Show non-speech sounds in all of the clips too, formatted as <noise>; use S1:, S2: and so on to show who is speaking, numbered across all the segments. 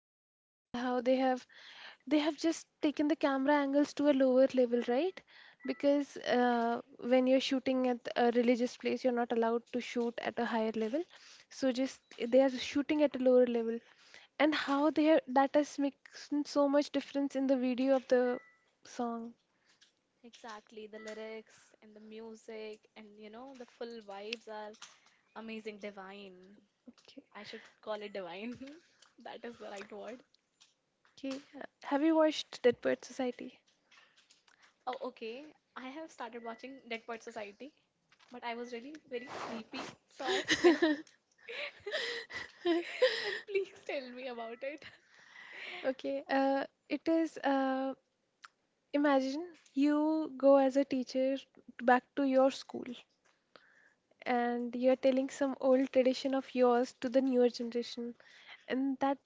S1: really beautiful. How they have just taken the camera angles to a lower level, right? Because when you're shooting at a religious place, you're not allowed to shoot at a higher level. So just they are shooting at a lower level, and how they have, that has makes so much difference in the video of the song.
S2: Exactly, the lyrics and the music and the full vibes are amazing, divine.
S1: Okay,
S2: I should call it divine. <laughs> That is the right word.
S1: okay. Have you watched Dead Poet Society?
S2: Oh, okay. I have started watching Dead Poet Society, but I was really very sleepy, so I slept. <laughs> And please tell me about it.
S1: Okay, it is. Imagine you go as a teacher back to your school and you're telling some old tradition of yours to the newer generation and that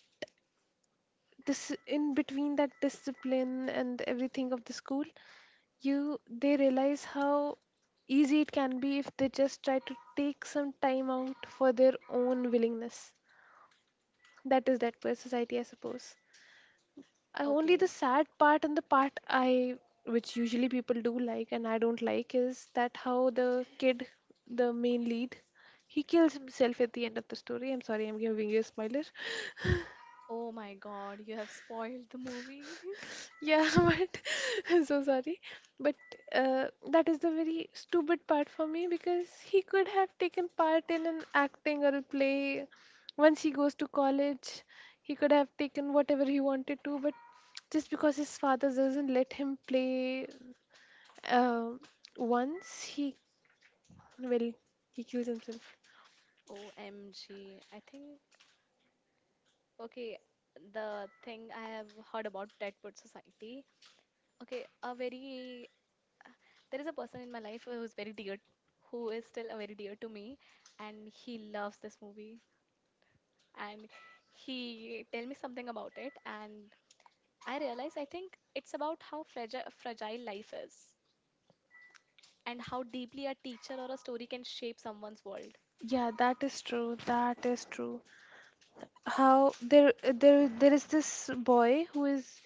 S1: in between that discipline and everything of the school you they realize how easy it can be if they just try to take some time out for their own willingness. That is that per society, I suppose. I only the
S2: Okay.
S1: sad part and the part I, which usually people do like and I don't like, is that how the kid, the main lead, he kills himself at the end of the story. I'm sorry, I'm giving you a spoiler. <laughs>
S2: Oh my God, you have spoiled the movie. <laughs>
S1: Yeah, <laughs> but <laughs> I'm so sorry. But that is the very stupid part for me because he could have taken part in an acting or a play. Once he goes to college, he could have taken whatever he wanted to, but just because his father doesn't let him play. Um Once he, well, he kills himself.
S2: OMG. I think, okay, the thing I have heard about Deadwood Society. Okay, a very there is a person in my life who is very dear who is still very dear to me and he loves this movie and he tell me something about it and I realize I think it's about how fragile life is and how deeply a teacher or a story can shape someone's world.
S1: Yeah, that is true. That is true. How there is this boy who is,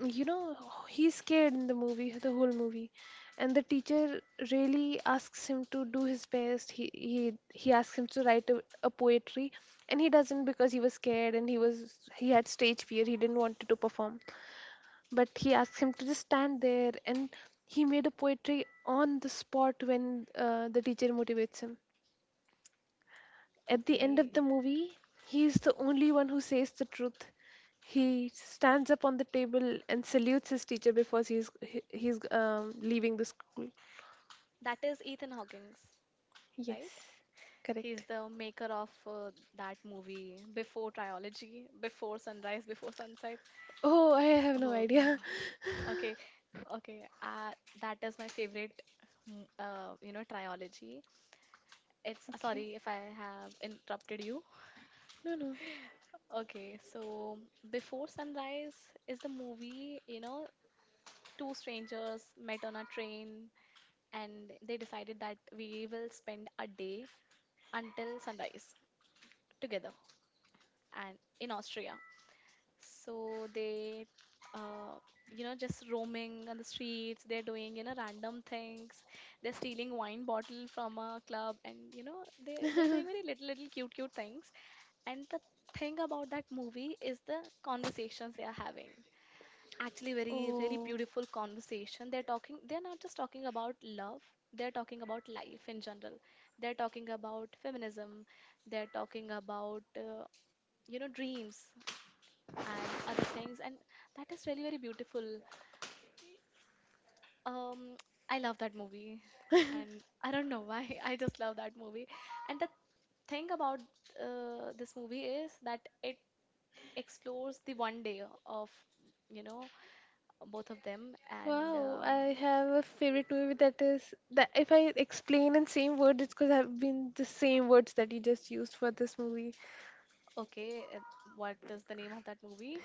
S1: you know, he's scared in the movie, the whole movie, and the teacher really asks him to do his best. He asks him to write a poetry, and he doesn't because he was scared and he was he had stage fear. He didn't want to perform. But he asked him to just stand there and he made a poetry on the spot when the teacher motivates him at the end of
S2: Okay.
S1: the movie. He is the only one who says the truth. He stands up on the table and salutes his teacher before he's leaving the school.
S2: That is Ethan Hawkins,
S1: Yes,
S2: right? He's
S1: correct.
S2: the maker of that movie, Before trilogy, Before Sunrise, Before Sunset.
S1: Oh, I have no
S2: Oh
S1: idea.
S2: God. Okay, okay. That is my favorite, trilogy. It's
S1: <laughs> Okay,
S2: sorry if I have interrupted you.
S1: no, no.
S2: Okay, so Before Sunrise is the movie, two strangers met on a train and they decided that we will spend a day until sunrise together and in Austria. So they, uh, just roaming on the streets. They're doing random things. They're stealing wine bottle from a club, and they're doing very
S1: <laughs>
S2: little, little cute, cute things. And the thing about that movie is the conversations they are having. Actually, very, really
S1: Oh.
S2: beautiful conversation. They're talking. They're not just talking about love. They're talking about life in general. They're talking about feminism. They're talking about, dreams and other things, and that is really very beautiful. um I love that movie,
S1: <laughs>
S2: and I don't know why. <laughs> I just love that movie, and the thing about this movie is that it explores the one day of you know both of them and
S1: Wow, I have a favorite movie that is that if I explain in same words, it's because I've been the same words that you just used for this movie.
S2: okay, what is the name of that movie?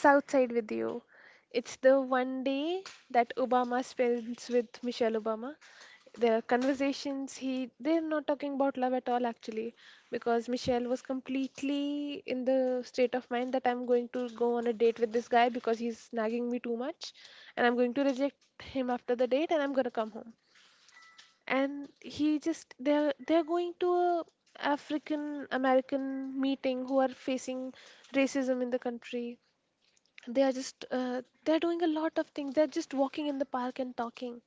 S1: South Side with You. It's the one day that Obama spends with Michelle Obama. There are conversations he they're not talking about love at all actually because Michelle was completely in the state of mind that I'm going to go on a date with this guy because he's nagging me too much and I'm going to reject him after the date and I'm going to come home. And he just they're going to a African American meeting who are facing racism in the country. They are just they're doing a lot of things. They're just walking in the park and talking,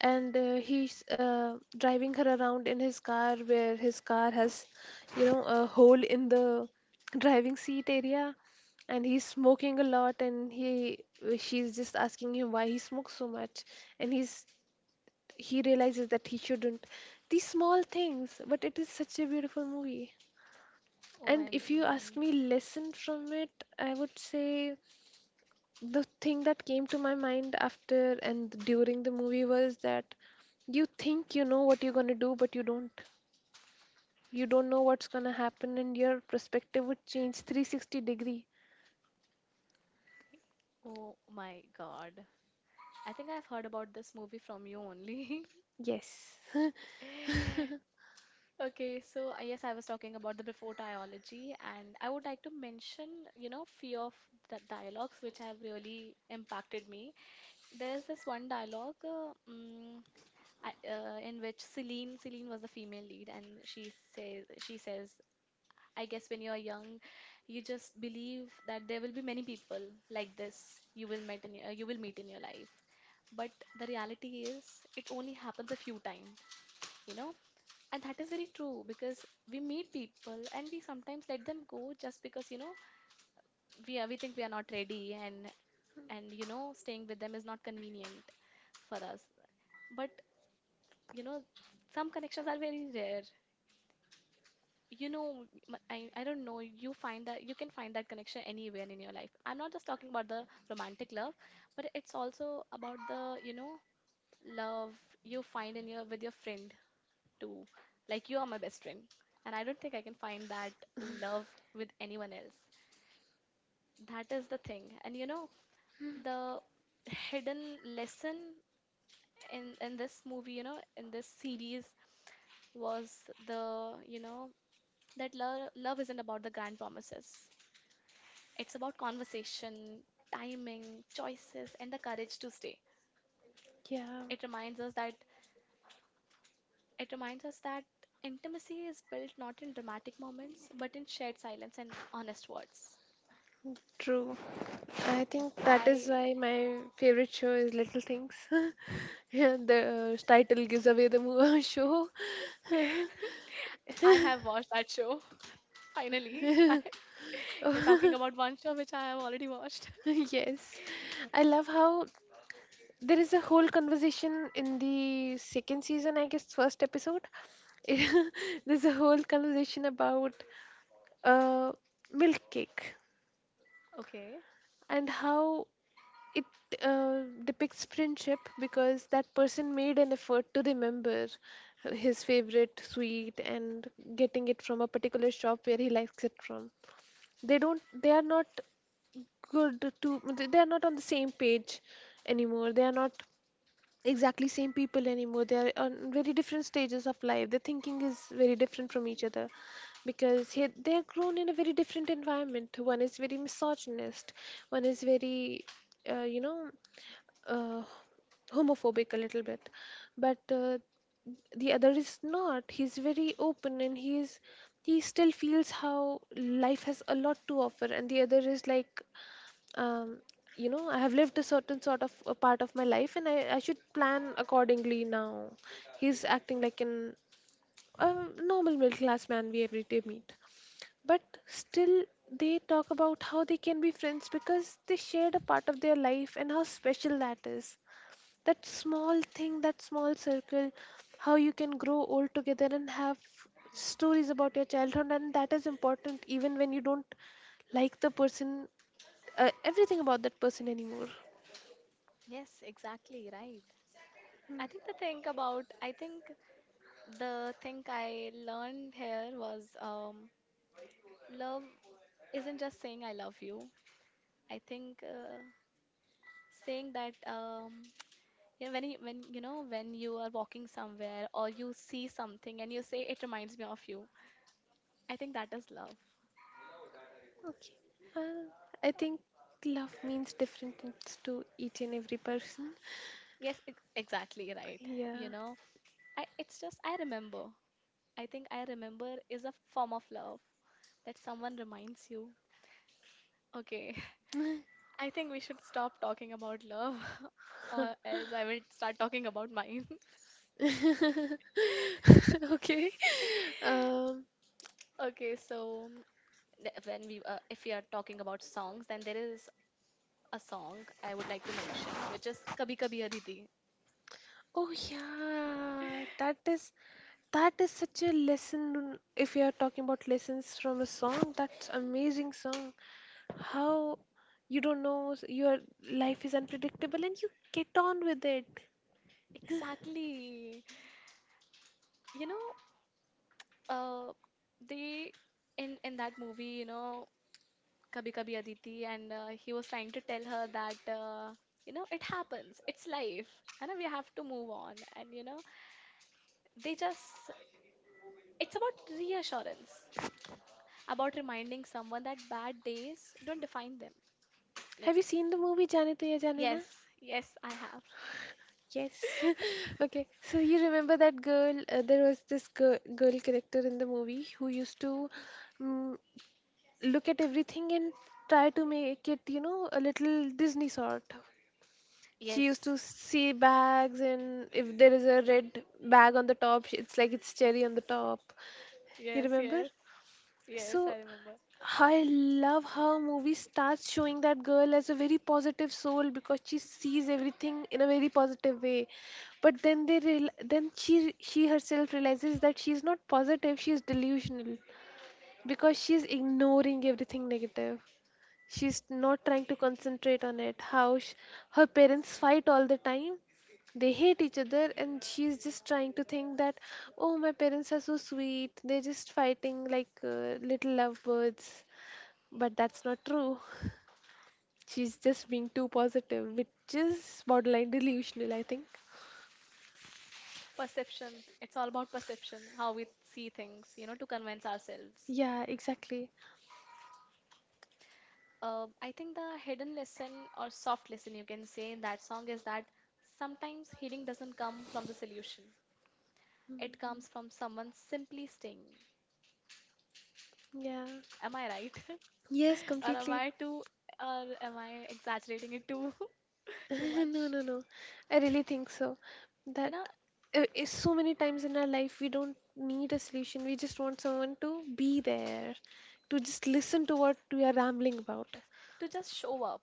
S1: and he's driving her around in his car where his car has, you know, a hole in the driving seat area. And he's smoking a lot and he she's just asking him why he smokes so much, and he's he realizes that he shouldn't these small things, but it is such a beautiful movie. And
S2: OMG.
S1: if you ask me lesson from it, I would say the thing that came to my mind after and during the movie was that you think you know what you're going to do, but you don't. You don't know what's going to happen, and your perspective would change 360 degree.
S2: Oh my God, I think I've heard about this movie from you only.
S1: Yes. <laughs>
S2: <laughs> Okay, so yes, I was talking about the before dialogy, and I would like to mention, few of the dialogues which have really impacted me. There is this one dialogue in which Celine was the female lead, and she says, I guess when you are young, you just believe that there will be many people like this you will meet in your, you will meet in your life, but the reality is it only happens a few times, you know and that is very true, because we meet people and we sometimes let them go just because we think we are not ready, and and staying with them is not convenient for us. But you know some connections are very rare. you know I don't know. You find that you can find that connection anywhere in your life. I'm not just talking about the romantic love, but it's also about the love you find in your with your friends to like, you are my best friend and I don't think I can find that love with anyone else. That is the thing, and the hidden lesson in this movie, in this series, was the you know that love isn't about the grand promises. It's about conversation, timing, choices, and the courage to stay.
S1: Yeah,
S2: It reminds us that it reminds us that intimacy is built not in dramatic moments but in shared silence and honest words.
S1: true. I
S2: Yes,
S1: think that is why
S2: I
S1: my favorite show is little things. <laughs> Yeah, the title gives away the movie <laughs> show.
S2: I have watched that show. <laughs> Finally, <laughs> you're talking about
S1: <laughs>
S2: one show which I have already watched. <laughs>
S1: <laughs> Yes, I love how there is a whole conversation in the second season, I guess first episode. <laughs> There's a whole conversation about uh, milk cake
S2: Okay.
S1: and how it depicts friendship because that person made an effort to remember his favorite sweet and getting it from a particular shop where he likes it from. They don't, they are not good to, they are not on the same page anymore. They are not exactly same people anymore. They are on very different stages of life. Their thinking is very different from each other because they are grown in a very different environment. One is very misogynist, one is very, uh, you know uh, homophobic a little bit. But the other is not. He's very open and he is he still feels how life has a lot to offer, and the other is like, um, you know, I have lived a certain sort of a part of my life, and I should plan accordingly now. He's acting like an a normal middle class man we every day meet, but still they talk about how they can be friends because they shared a part of their life and how special that is. That small thing, that small circle, how you can grow old together and have stories about your childhood, and that is important even when you don't like the person, everything about that person anymore.
S2: Yes, exactly, right. I think the thing about I think the thing I learned here was love isn't just saying I love you. I think saying that when when you are walking somewhere or you see something and you say it reminds me of you. I think that is love.
S1: Okay. Uh, I think love means different things to each and every person.
S2: Yes, exactly right.
S1: Yeah.
S2: It's just I remember. I think I remember is a form of love that someone reminds you. Okay, <laughs>
S1: <laughs>
S2: I think we should stop talking about love, <laughs> or else I will start talking about mine. <laughs>
S1: Okay. Um,
S2: Okay, so when we if we are talking about songs, then there is a song I would like to mention, which is Kabhi Kabhi Aditi.
S1: oh yeah, that is such a lesson. If you are talking about lessons from a song, that's amazing song. How you don't know your life is unpredictable and you get on with it.
S2: Exactly. You know, uh, they in that movie, Kabhi Kabhi Aditi, and he was trying to tell her that it happens, it's life, and we have to move on. And you know they just it's about reassurance, about reminding someone that bad days don't define them.
S1: Have you
S2: Like,
S1: seen the movie Jaane Tuya Jaane Na?
S2: yes, yes, I have.
S1: Yes. <laughs> Okay. So you remember that girl? There was this girl, character in the movie who used to um, look at everything and try to make it, you know, a little Disney sort. She used
S2: Yes,
S1: to see bags, and if there is a red bag on the top, it's like it's cherry on the top. You
S2: yes,
S1: remember?
S2: yes, yes, I
S1: So
S2: remember.
S1: I love how movie starts showing that girl as a very positive soul because she sees everything in a very positive way. But then
S2: Exactly.
S1: then she herself realizes that she's not positive, she's delusional because she's ignoring everything negative. She's not trying to concentrate on it. How her parents fight all the time. They hate each other, and she's just trying to think that oh my parents are so sweet, they're just fighting like little lovebirds, but that's not true. She's just being too positive, which is borderline delusional, I think.
S2: Perception. It's all about perception, how we see things, to convince ourselves.
S1: Yeah, exactly.
S2: I think the hidden lesson or soft lesson you can say in that song is that sometimes healing doesn't come from the solution. It comes from someone simply staying.
S1: Yeah.
S2: Am I right?
S1: Yes,
S2: <laughs> Or am
S1: completely.
S2: I
S1: <laughs>
S2: too, or am I exaggerating it too <laughs> too
S1: No,
S2: much?
S1: no, no. I really think so.
S2: You
S1: That
S2: know,
S1: is so many times in our life we don't need a solution. We just want someone to be there, to just listen to what we are rambling about.
S2: yes, to just show up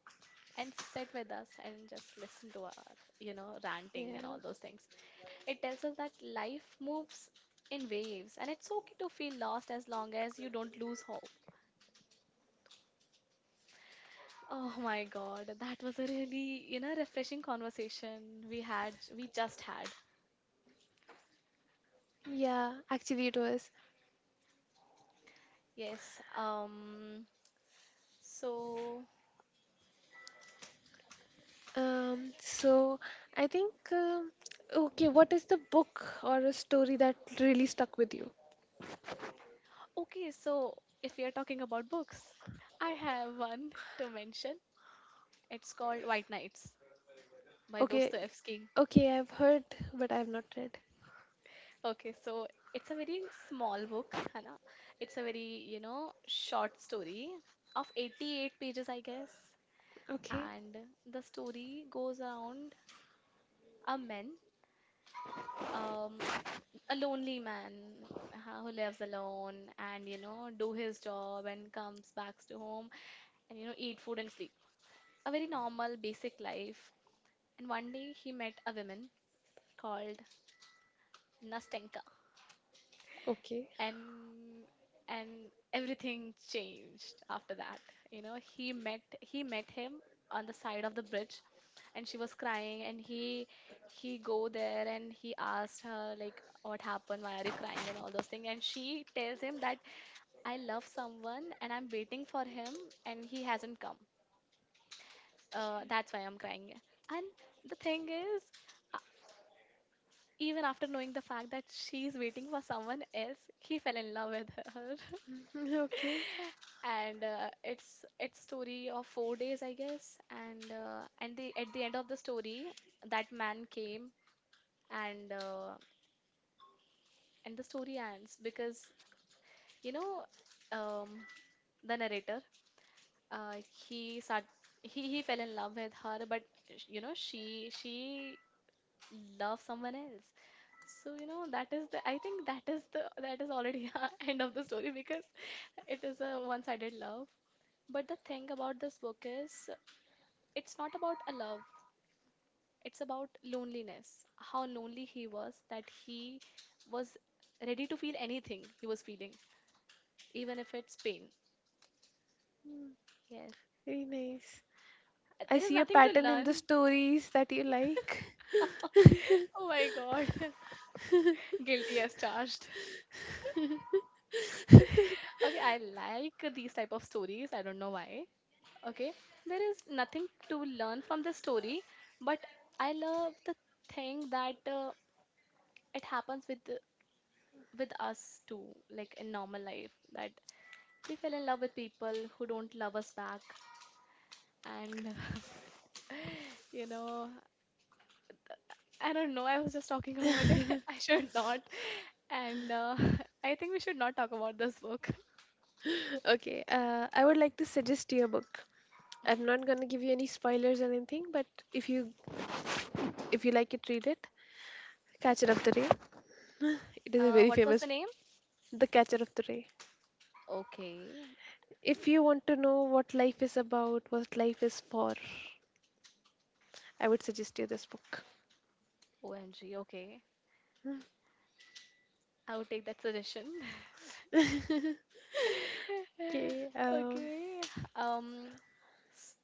S2: and sit with us and just listen to our, ranting
S1: Yeah.
S2: and all those things. It tells us that life moves in waves and it's okay to feel lost as long as you don't lose hope. Oh my God, that was a really refreshing conversation we had, we just had.
S1: Yeah, actually it was.
S2: Yes. So,
S1: So I think okay, what is the book or a story that really stuck with you?
S2: okay, so if we are talking about books, I have one to mention. It's called White Nights by
S1: Okay,
S2: Dostoevsky.
S1: okay, I've heard, but I've not read.
S2: Okay, so it's a very small book, Hannah. It's a very short story of 88 pages, I guess.
S1: Okay,
S2: And the story goes around a man. Um, a lonely man who lives alone and do his job and comes back to home and eat food and sleep, a very normal basic life. And one day he met a woman called Nastenka,
S1: okay.
S2: and and everything changed after that. He met he met him on the side of the bridge, and she was crying, and he go there and he asked her, like, what happened, why are you crying and all those things, and she tells him that I love someone and I'm waiting for him and he hasn't come. That's why I'm crying. And the thing is, uh, even after knowing the fact that she's waiting for someone else, he fell in love with her.
S1: <laughs> Okay.
S2: <laughs> And it's story of 4 days, I guess. And the at the end of the story, that man came, and the story ends because you know um, the narrator, he start he fell in love with her, but she loves someone else. So that is the I think that is the that is already <laughs> a end of the story, because it is a one sided love. But the thing about this book is it's not about a love, it's about loneliness. How lonely he was that he was ready to feel anything he was feeling, even if it's pain.
S1: Hmm,
S2: Yes,
S1: very nice. I
S2: there is
S1: see a
S2: nothing to
S1: pattern in the
S2: learn.
S1: stories that you like.
S2: <laughs> Oh my God. <laughs> Guilty as charged. <laughs> Okay, I like these type of stories. I don't know why. Okay, there is nothing to learn from the story, but I love the thing that it happens with us too, like in normal life, that we fell in love with people who don't love us back, and <laughs> you know, I don't know. I was just talking about it. <laughs> I should not, and <laughs> I think we should not talk about this book.
S1: <laughs> Okay, I would like to suggest you a book. I'm not gonna give you any spoilers or anything, but if you if you like it, read it. Catcher of the Day. It is a very
S2: What was the
S1: famous.
S2: name?
S1: The Catcher of the Ray.
S2: Okay.
S1: If you want to know what life is about, what life is for, I would suggest you this book.
S2: OMG, okay. I will take that suggestion.
S1: <laughs>
S2: <laughs>
S1: Okay,
S2: Okay. Um, s-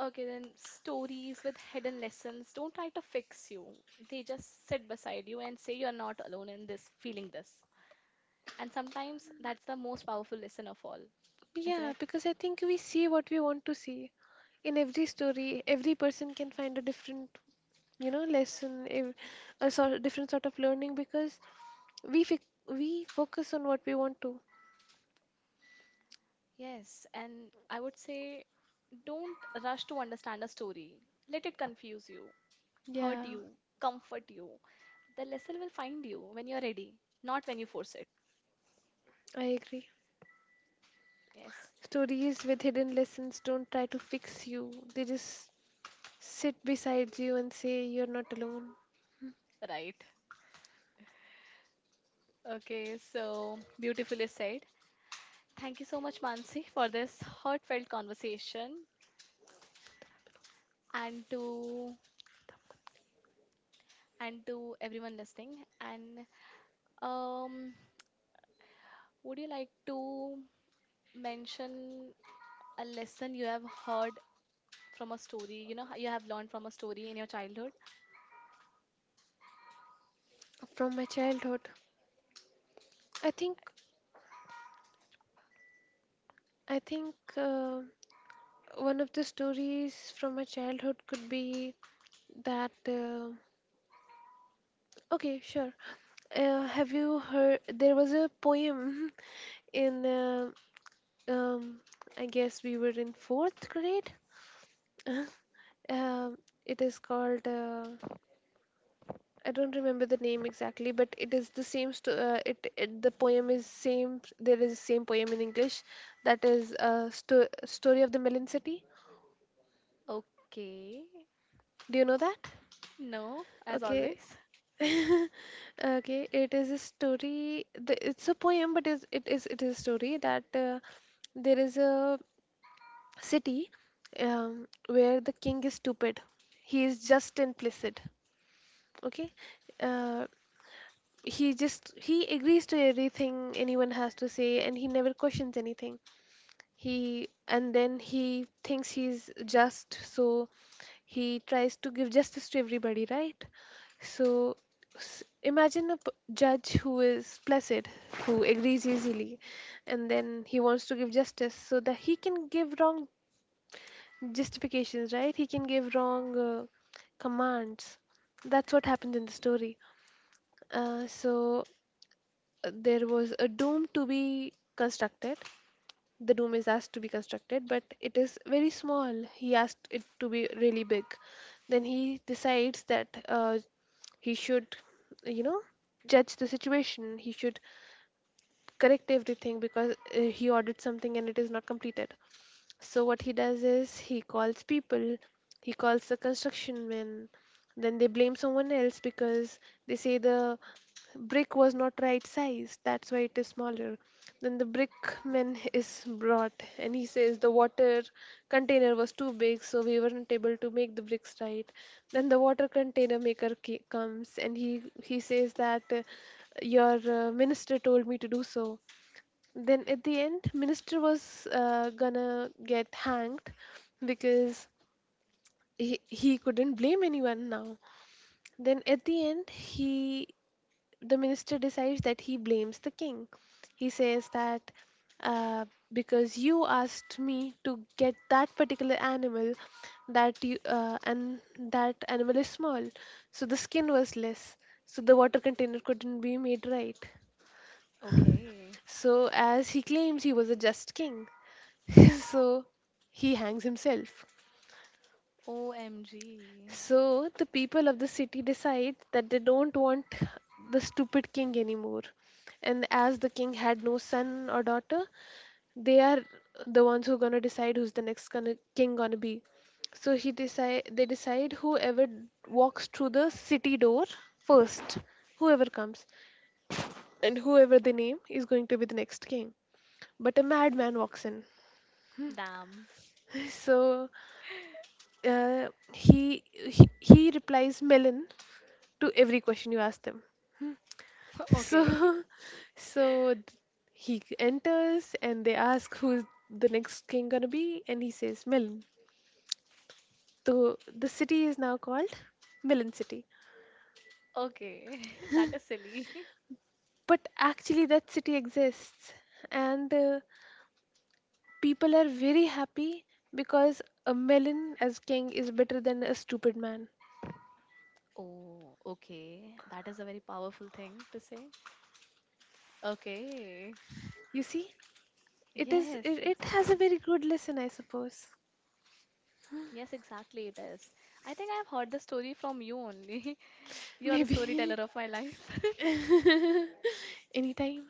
S2: okay, then stories with hidden lessons don't try to fix you. They just sit beside you and say you're not alone in this, feeling this. And sometimes that's the most powerful lesson of all, isn't
S1: yeah,
S2: it?
S1: because I think we see what we want to see. In every story, every person can find a different, you know, lesson, a sort different sort of learning because we fic we focus on what we want to.
S2: Yes, and I would say don't rush to understand a story. Let it confuse you, hurt
S1: Yeah,
S2: you, comfort you. The lesson will find you when you're ready, not when you force it.
S1: I agree.
S2: Yes,
S1: Stories with hidden lessons don't try to fix you. They just sit beside you and say you're not alone.
S2: right. Okay, so beautifully said. Thank you so much, Mansi, for this heartfelt conversation, and to and to everyone listening. And um, would you like to mention a lesson you have heard from a story? You know, you have learned from a story in your childhood.
S1: From my childhood, I think i think uh, one of the stories from my childhood could be that okay sure. Have you heard there was a poem <laughs> in um, I guess we were in fourth grade. <laughs> um, it is called, I don't remember the name exactly, but it is the same. It the poem is same. There is a same poem in English, that is a story of the Melon City.
S2: Okay.
S1: Do you know that?
S2: No, as
S1: Okay.
S2: always.
S1: <laughs> Okay. It is a story. It's a poem, but is a story that there is a city where the king is stupid. He is just and placid. Okay. Uh, he agrees to everything anyone has to say and he never questions anything. He And then he thinks he's just so he tries to give justice to everybody, right? So imagine a judge who is placid, who agrees easily, and then he wants to give justice so that he can give wrong justifications, right? He can give wrong commands. That's what happens in the story. uh, so there was a dome to be constructed. The dome is asked to be constructed, but it is very small. He asked it to be really big. Then he decides that he should, you know, judge the situation. He should correct everything because he ordered something and it is not completed. So what he does is he calls people, he calls the construction men, then they blame someone else because they say the brick was not right size, that's why it is smaller. Then the brickman is brought and he says the water container was too big, so we weren't able to make the bricks right. Then the water container maker comes and he says that your minister told me to do so. Then at the end minister was gonna get hanged because he couldn't blame anyone now. Then at the end he the minister decides that he blames the king. He says that uh, because you asked me to get that particular animal that you and that animal is small, so the skin was less, so the water container couldn't be made right.
S2: Okay.
S1: So as he claims he was a just king, <laughs> so he hangs himself.
S2: OMG.
S1: So the people of the city decide that they don't want the stupid king anymore. And as the king had no son or daughter, they are the ones who are gonna decide who's the king gonna be. So he decide they decide whoever walks through the city door first, whoever comes, and whoever they name is going to be the next king. But a madman walks in.
S2: Damn.
S1: <laughs> So he replies melon to every question you ask them.
S2: <laughs>
S1: So
S2: Okay.
S1: <laughs> so he enters and they ask who's the next king gonna be and he says melon. So the city is now called melon city.
S2: Okay. <laughs> That is silly. <laughs>
S1: But actually that city exists, and people are very happy because a melon as king is better than a stupid man.
S2: Oh, okay. That is a very powerful thing to say. Okay.
S1: You see it
S2: Yes,
S1: it has a
S2: exactly.
S1: very good lesson, I suppose.
S2: Yes, exactly, it is. I think I have heard the story from you only. <laughs> You are the storyteller
S1: Maybe.
S2: of my life. <laughs>
S1: <laughs> Anytime.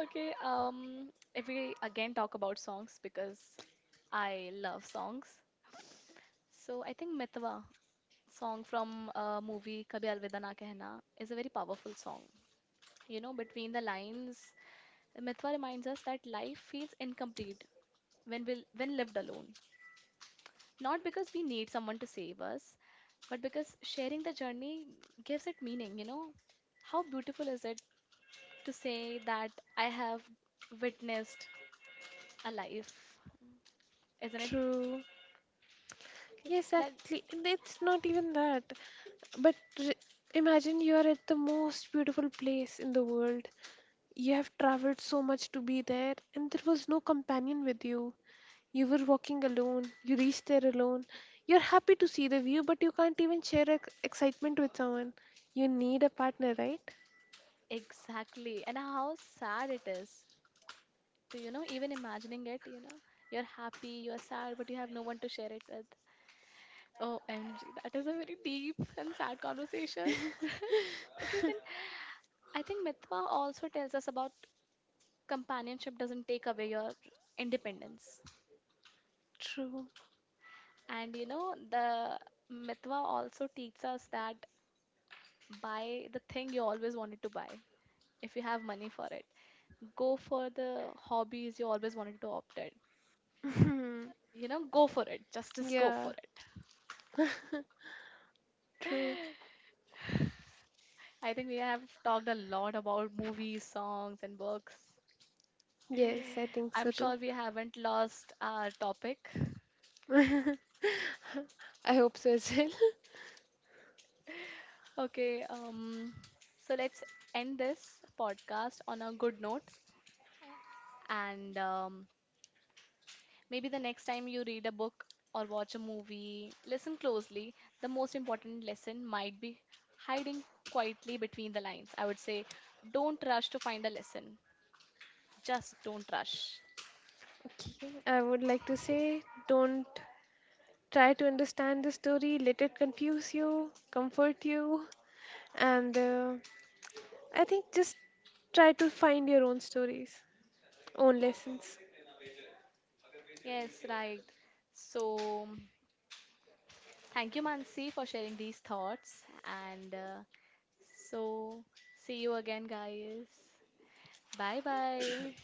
S2: Okay, if we again talk about songs, because I love songs. So I think Mitwa, song from a movie Kabhi Alvida Na Kehna, is a very powerful song. You know, between the lines, Mitwa reminds us that life feels incomplete when we when lived alone. Not because we need someone to save us, but because sharing the journey gives it meaning, you know? How beautiful is it to say that I have witnessed a life? Isn't it?
S1: True.
S2: Okay.
S1: Yes,
S2: That
S1: actually, and it's not even that. But imagine you are at the most beautiful place in the world. You have traveled so much to be there, and there was no companion with you. You were walking alone. You reached there alone. You're happy to see the view, but you can't even share excitement with someone. You need a partner, right?
S2: exactly. And how sad it is to, even imagining it, you know? You're happy, you're sad, but you have no one to share it with. Oh, MG, that is a very deep and sad conversation. <laughs> Okay, then I think Mitwa also tells us about companionship doesn't take away your independence.
S1: True.
S2: And the Mitwa also teaches us that buy the thing you always wanted to buy if you have money for it. Go for the hobbies you always wanted to opt in. You know, go for it. Just
S1: <laughs>
S2: just go for
S1: Yeah,
S2: it.
S1: true.
S2: I think we have talked a lot about movies, songs, and books.
S1: Yes, I think
S2: I'm
S1: so too.
S2: sure we haven't lost our topic.
S1: <laughs> I hope so as well. <laughs>
S2: Okay, so let's end this podcast on a good note, and maybe the next time you read a book or watch a movie, listen closely. The most important lesson might be hiding quietly between the lines. I would say, don't rush to find a lesson. Just don't rush.
S1: Okay, I would like to say don't try to understand the story, let it confuse you, comfort you, and I think just try to find your own stories, own lessons.
S2: Yes, right. So, thank you, Mansi, for sharing these thoughts. And so, see you again, guys. Bye bye.